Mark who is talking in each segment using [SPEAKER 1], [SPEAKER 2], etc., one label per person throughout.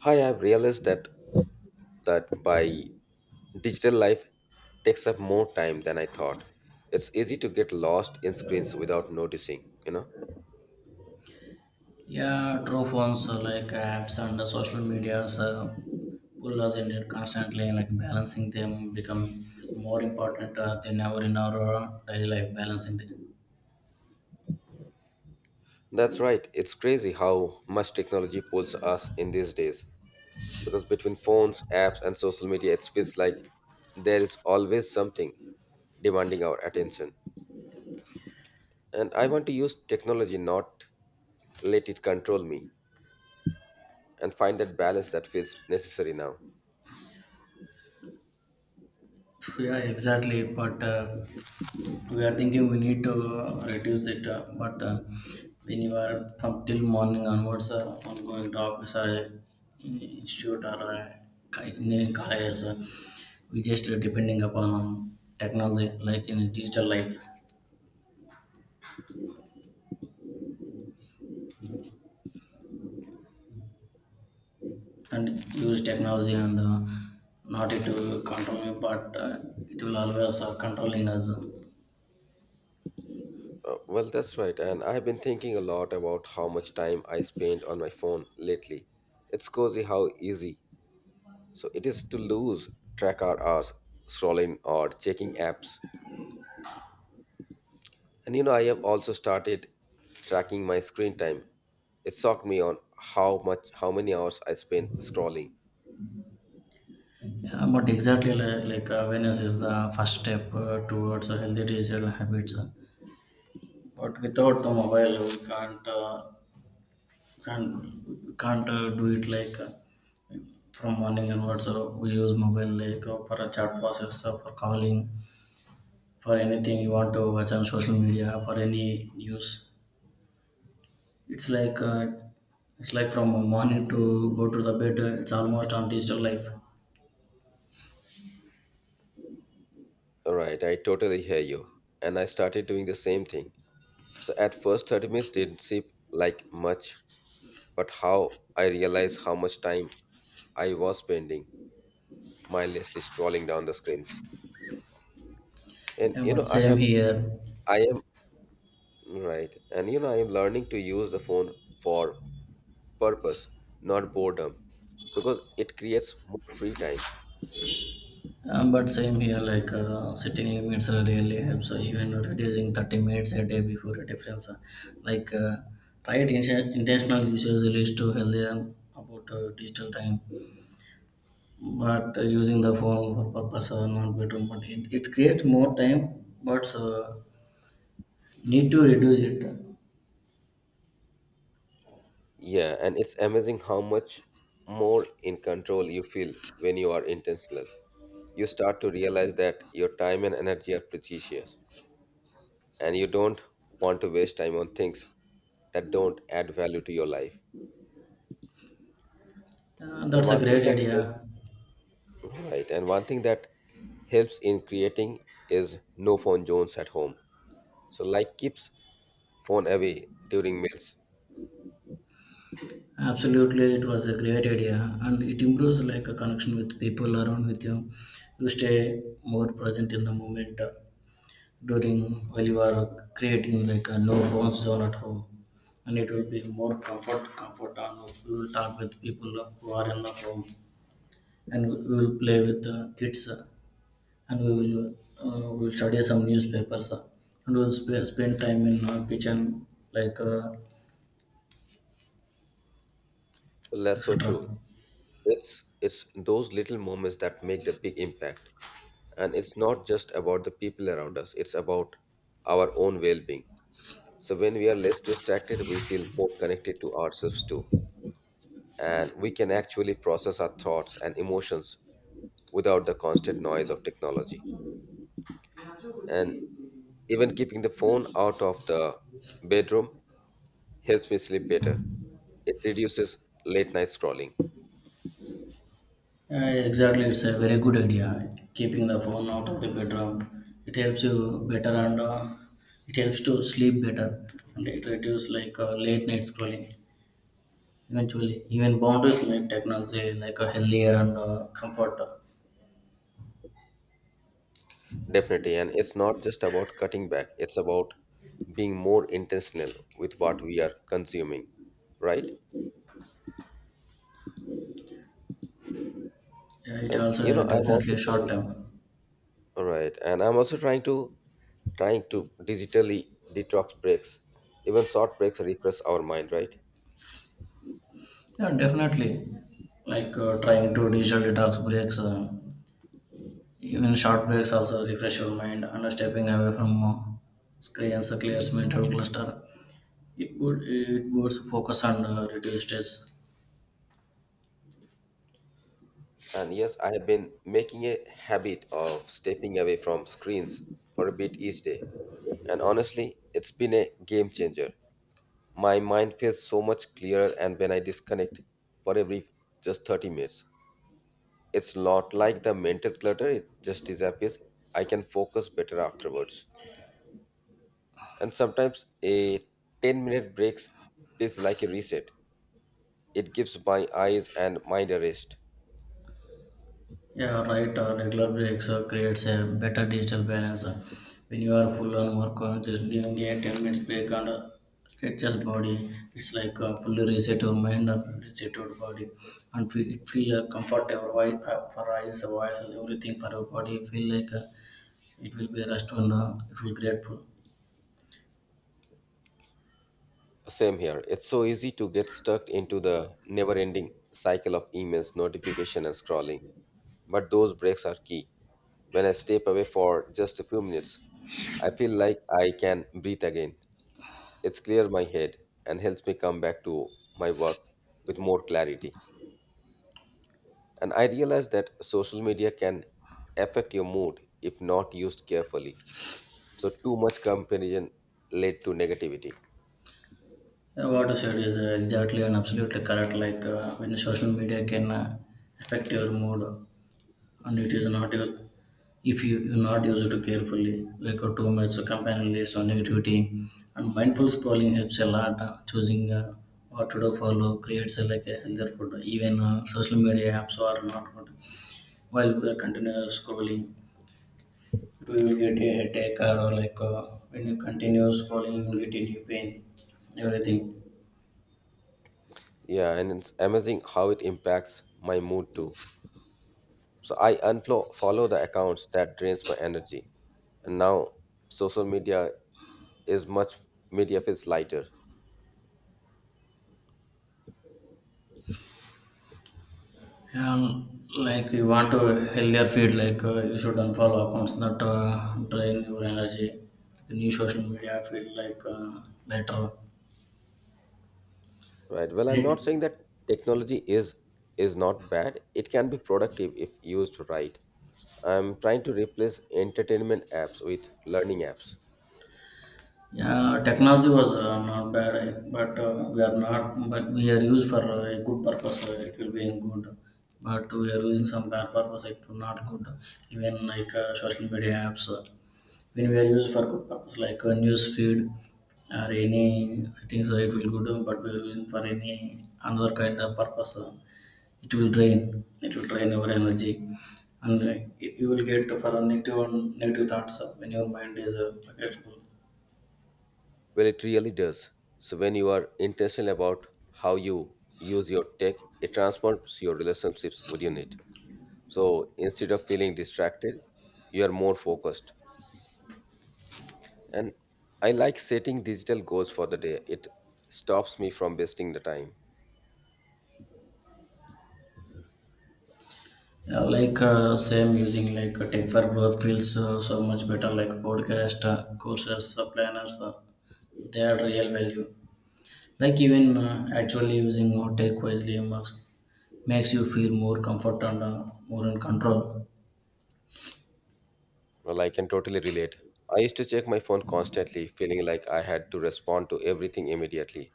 [SPEAKER 1] Hi, I've realized that that by digital life takes up more time than I thought. It's easy to get lost in screens without noticing, you know?
[SPEAKER 2] Yeah, true phones apps and the social medias pull us in it constantly, like balancing them become more important than ever in our daily life. Balancing them.
[SPEAKER 1] That's right. It's crazy how much technology pulls us in these days. Because between phones, apps, and social media, it feels like there is always something demanding our attention. And I want to use technology, not let it control me, and find that balance that feels necessary now.
[SPEAKER 2] Yeah, exactly. But We are thinking we need to reduce it, but when you are from till morning onwards, on going to office or institute or engineering colleges, we just depending upon technology, like in digital life and use technology and not it will control me but it will always controlling us.
[SPEAKER 1] Well, that's right. And I've been thinking a lot about how much time I spend on my phone lately. It's crazy how easy it is to lose track our hours scrolling or checking apps. And you know, I have also started tracking my screen time. It shocked me on how many hours I spend scrolling.
[SPEAKER 2] Yeah, but exactly like awareness is the first step towards a healthy digital habits, but without the mobile can't we can't do it like from morning onwards we use mobile like for a chat process for calling, for anything you want to watch on social media for any news. It's like uh, it's like from morning to go to the bed. It's almost on digital life.
[SPEAKER 1] Right, I totally hear you. And I started doing the same thing. So at first 30 minutes didn't seem like much, but how I realized how much time I was spending mindlessly scrolling down the screens. And
[SPEAKER 2] Yeah,
[SPEAKER 1] you
[SPEAKER 2] but
[SPEAKER 1] know, I
[SPEAKER 2] same
[SPEAKER 1] have,
[SPEAKER 2] here.
[SPEAKER 1] I am Right, and you know, I am learning to use the phone for purpose, not boredom, because it creates more free time.
[SPEAKER 2] Setting limits really helps. Even reducing 30 minutes a day before a difference. Like uh, Intentional usage leads to healthier about digital time. But Using the phone for purpose are not better. But it creates more time. But need to reduce it.
[SPEAKER 1] Yeah, and it's amazing how much more in control you feel when you are intentional. You start to realize that your time and energy are precious and you don't want to waste time on things that don't add value to your life. And
[SPEAKER 2] That's a
[SPEAKER 1] one thing
[SPEAKER 2] great
[SPEAKER 1] that helps
[SPEAKER 2] idea.
[SPEAKER 1] Right, and one thing that helps in creating is no phone zones at home, so like keeps phone away during meals.
[SPEAKER 2] Absolutely, it was a great idea, and it improves like a connection with people around with you. You stay more present in the moment during while you are creating like a no phone zone at home, and it will be more comfort, and we will talk with people who are in the home, and we will play with the kids, and we will study some newspapers, and we will spend time in kitchen like
[SPEAKER 1] Well, that's so
[SPEAKER 2] etc.
[SPEAKER 1] true. It's those little moments that make the big impact, and it's not just about the people around us, it's about our own well-being. So when we are less distracted, we feel more connected to ourselves too, and we can actually process our thoughts and emotions without the constant noise of technology. And even keeping the phone out of the bedroom helps me sleep better. It reduces late night scrolling.
[SPEAKER 2] Uh, exactly, it's a very good idea. Keeping the phone out of the bedroom, it helps you better and it helps to sleep better and it reduces like late night scrolling. Eventually, even boundaries make technology like a healthier and comfort.
[SPEAKER 1] Definitely. And it's not just about cutting back, it's about being more intentional with what we are consuming, right?
[SPEAKER 2] Yeah, it
[SPEAKER 1] And you know,
[SPEAKER 2] also
[SPEAKER 1] I'm also
[SPEAKER 2] definitely short
[SPEAKER 1] trying,
[SPEAKER 2] term.
[SPEAKER 1] Right? And I'm also trying to digitally detox breaks. Even short breaks refresh our mind, right?
[SPEAKER 2] Yeah, definitely. Trying to digital detox breaks, even short breaks also refresh your mind and stepping away from screens clears mental cluster. It would focus on reduce stress.
[SPEAKER 1] And yes, I have been making a habit of stepping away from screens for a bit each day. And honestly, it's been a game changer. My mind feels so much clearer, and when I disconnect for a brief just 30 minutes, it's not like the mental clutter, it just disappears. I can focus better afterwards. And sometimes a 10-minute breaks is like a reset, it gives my eyes and mind a rest.
[SPEAKER 2] Yeah, right. Regular breaks creates a better digital balance. When you are full on work, just giving a 10 minutes break and stretches body. It's like Fully reset your mind and reset your body, and feel, it feel comfort your for eyes, voices, everything for your body. Feel like it will be rest and it will grateful.
[SPEAKER 1] Same here. It's so easy to get stuck into the never ending cycle of emails, notification, and scrolling. But those breaks are key. When I step away for just a few minutes, I feel like I can breathe again. It's clear my head and helps me come back to my work with more clarity. And I realize that social media can affect your mood if not used carefully. So, too much comparison led to negativity.
[SPEAKER 2] What you said is exactly and absolutely correct. When social media can affect your mood, and it is not your. If you do not use it carefully like a too much companion list or negativity, and mindful scrolling helps a lot, choosing what to do follow creates a healthier food. Even social media apps are not good while we are continuous scrolling. It will get a headache or when you continue scrolling you will get into pain, everything.
[SPEAKER 1] Yeah, and it's amazing how it impacts my mood too. So I unfollow follow the accounts that drains my energy. And now social media is much media feels lighter,
[SPEAKER 2] Like you want a healthier feed, like you should unfollow accounts that drain your energy. The new social media feed, like later.
[SPEAKER 1] right? Well, I'm not
[SPEAKER 2] Right.
[SPEAKER 1] saying that technology is not bad. It can be productive if used right. I'm trying to replace entertainment apps with learning apps.
[SPEAKER 2] Yeah, technology was not bad, eh, but we are not. But we are used for a good purpose. It will be in good, but we are using some bad purpose. It will not good. Even like social media apps. When we are used for good purpose like a news feed or any things, it will good, but we are using for any another kind of purpose, it will drain our energy, and you will get for a negative thoughts when your mind is forgetful.
[SPEAKER 1] Well, it really does. So when you are intentional about how you use your tech, it transforms your relationships within it. So instead of feeling distracted, you are more focused. And I like setting digital goals for the day. It stops me from wasting the time.
[SPEAKER 2] Yeah, same using like tech for growth feels so much better, like podcast, courses, planners, they are real value. Like even actually using or take wisely marks makes you feel more comfort and more in control.
[SPEAKER 1] Well, I can totally relate. I used to check my phone constantly, feeling like I had to respond to everything immediately.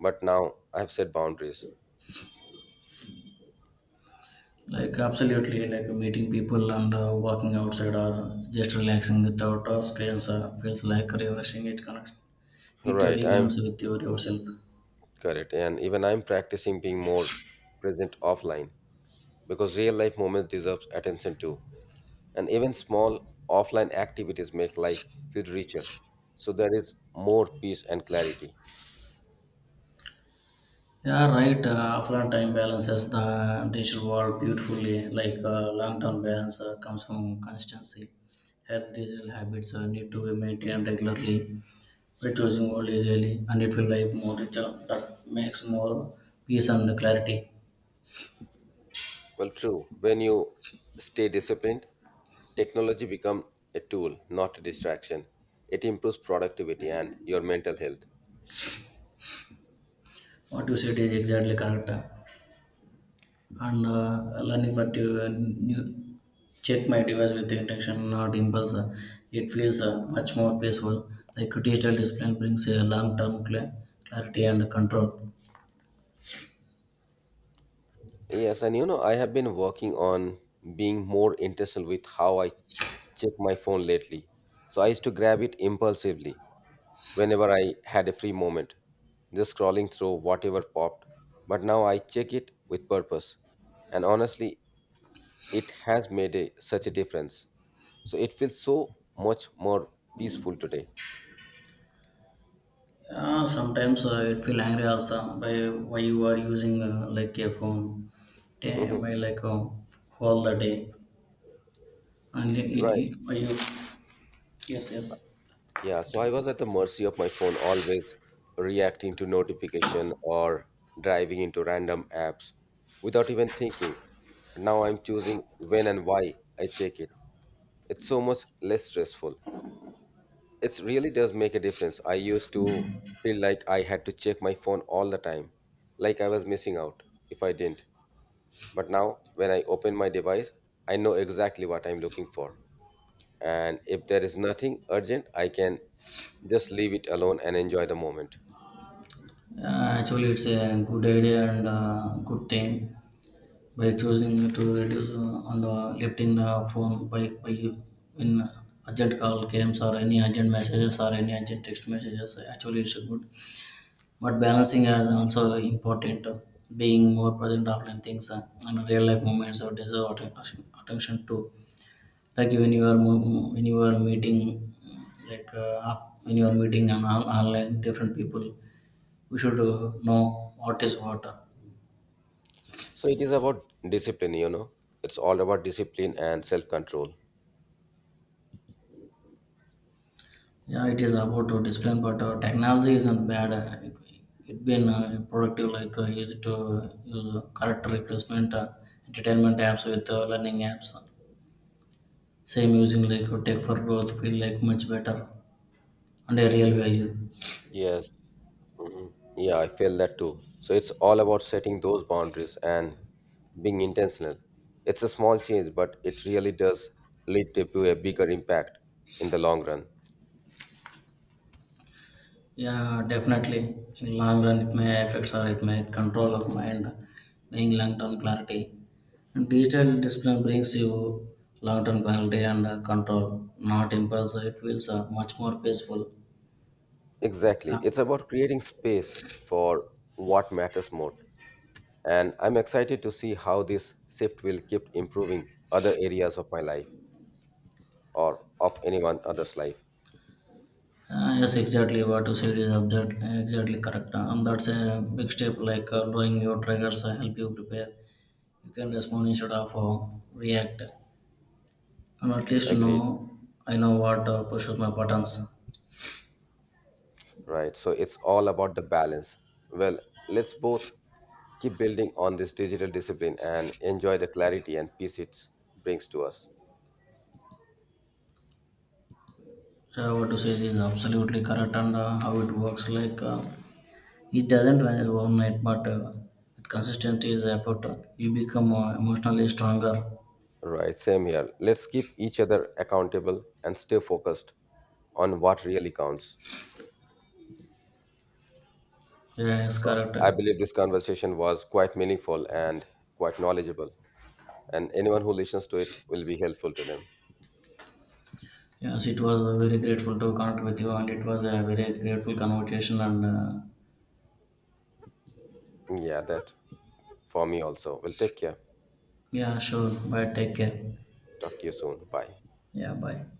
[SPEAKER 1] But now I've set boundaries.
[SPEAKER 2] Like absolutely, like meeting people and walking outside or just relaxing without screens feels like refreshing. It connects, it
[SPEAKER 1] Right, I'm
[SPEAKER 2] reconnects with yourself.
[SPEAKER 1] Correct. And even I'm practicing being more present offline because real life moments deserve attention too. And even small offline activities make life feel richer. So there is more peace and clarity.
[SPEAKER 2] Yeah, right. Offline time balances the digital world beautifully. Long-term balance comes from consistency. Health digital habits need to be maintained regularly, reducing old age early, and it will like more richer that makes more peace and clarity.
[SPEAKER 1] Well, true. When you stay disciplined, technology becomes a tool, not a distraction. It improves productivity and your mental health.
[SPEAKER 2] What you said is exactly correct, and learning that you new check my device with intention, not impulse. It feels much more peaceful. Like digital discipline brings a long term clarity and control.
[SPEAKER 1] Yes, and you know, I have been working on being more intentional with how I check my phone lately. So I used to grab it impulsively whenever I had a free moment, just scrolling through whatever popped. But now I check it with purpose. And honestly, it has made such a difference. So it feels so much more peaceful today.
[SPEAKER 2] Yeah, sometimes it feel angry also, by, why you are using like a phone day
[SPEAKER 1] Hmm.
[SPEAKER 2] by like all the day, and it
[SPEAKER 1] Right.
[SPEAKER 2] you. Yes, yes.
[SPEAKER 1] Yeah, so I was at the mercy of my phone, always reacting to notification or driving into random apps without even thinking. Now I'm choosing when and why I check it. It's so much less stressful. It really does make a difference. I used to feel like I had to check my phone all the time, like I was missing out if I didn't. But now, when I open my device, I know exactly what I'm looking for. And if there is nothing urgent, I can just leave it alone and enjoy the moment.
[SPEAKER 2] Uh, actually it's a good idea and good thing, by choosing to reduce on the lifting the phone by you, in urgent call games or any urgent messages or any urgent text messages. Actually it's good, but balancing is also important, being more present offline things, and real life moments or deserve attention too. Like when you are when you are meeting, when you are meeting online different people, we should know what is what.
[SPEAKER 1] So it is about discipline, you know. It's all about discipline and self control.
[SPEAKER 2] Yeah, it is about to discipline, but technology isn't bad. It, it been productive, like used to use correct replacement entertainment apps with learning apps. Same using like tech for growth feel like much better and a real value.
[SPEAKER 1] Yes. Mhm. Yeah, I feel that too. So it's all about setting those boundaries and being intentional. It's a small change, but it really does lead to a bigger impact in the long run.
[SPEAKER 2] Yeah, definitely. In long run, it may affect or it may control of mind, being long term clarity. And digital discipline brings you long term clarity and control, not impulse. It feels much more peaceful.
[SPEAKER 1] Exactly.
[SPEAKER 2] Yeah.
[SPEAKER 1] It's about creating space for what matters more. And I'm excited to see how this shift will keep improving other areas of my life or of anyone other's life.
[SPEAKER 2] Yes, exactly what you said is object, exactly correct. And that's a big step, like knowing your triggers help you prepare. You can respond instead of react. And at least
[SPEAKER 1] Agreed.
[SPEAKER 2] know, I know what pushes my buttons.
[SPEAKER 1] Right. So it's all about the balance. Well, let's both keep building on this digital discipline and enjoy the clarity and peace it brings to us.
[SPEAKER 2] What to say is absolutely correct, and how it works, like it doesn't vanish overnight, but with consistency is effort, you become emotionally stronger.
[SPEAKER 1] Right. Same here. Let's keep each other accountable and stay focused on what really counts.
[SPEAKER 2] Yeah, yes,
[SPEAKER 1] So
[SPEAKER 2] correct.
[SPEAKER 1] I believe this conversation was quite meaningful and quite knowledgeable. And anyone who listens to it will be helpful to them.
[SPEAKER 2] Yes, it was very grateful to connect with you, and it was a very grateful conversation and
[SPEAKER 1] Yeah, that for me also. Well, take care.
[SPEAKER 2] Yeah, sure, bye, take care.
[SPEAKER 1] Talk to you soon. Bye.
[SPEAKER 2] Yeah, bye.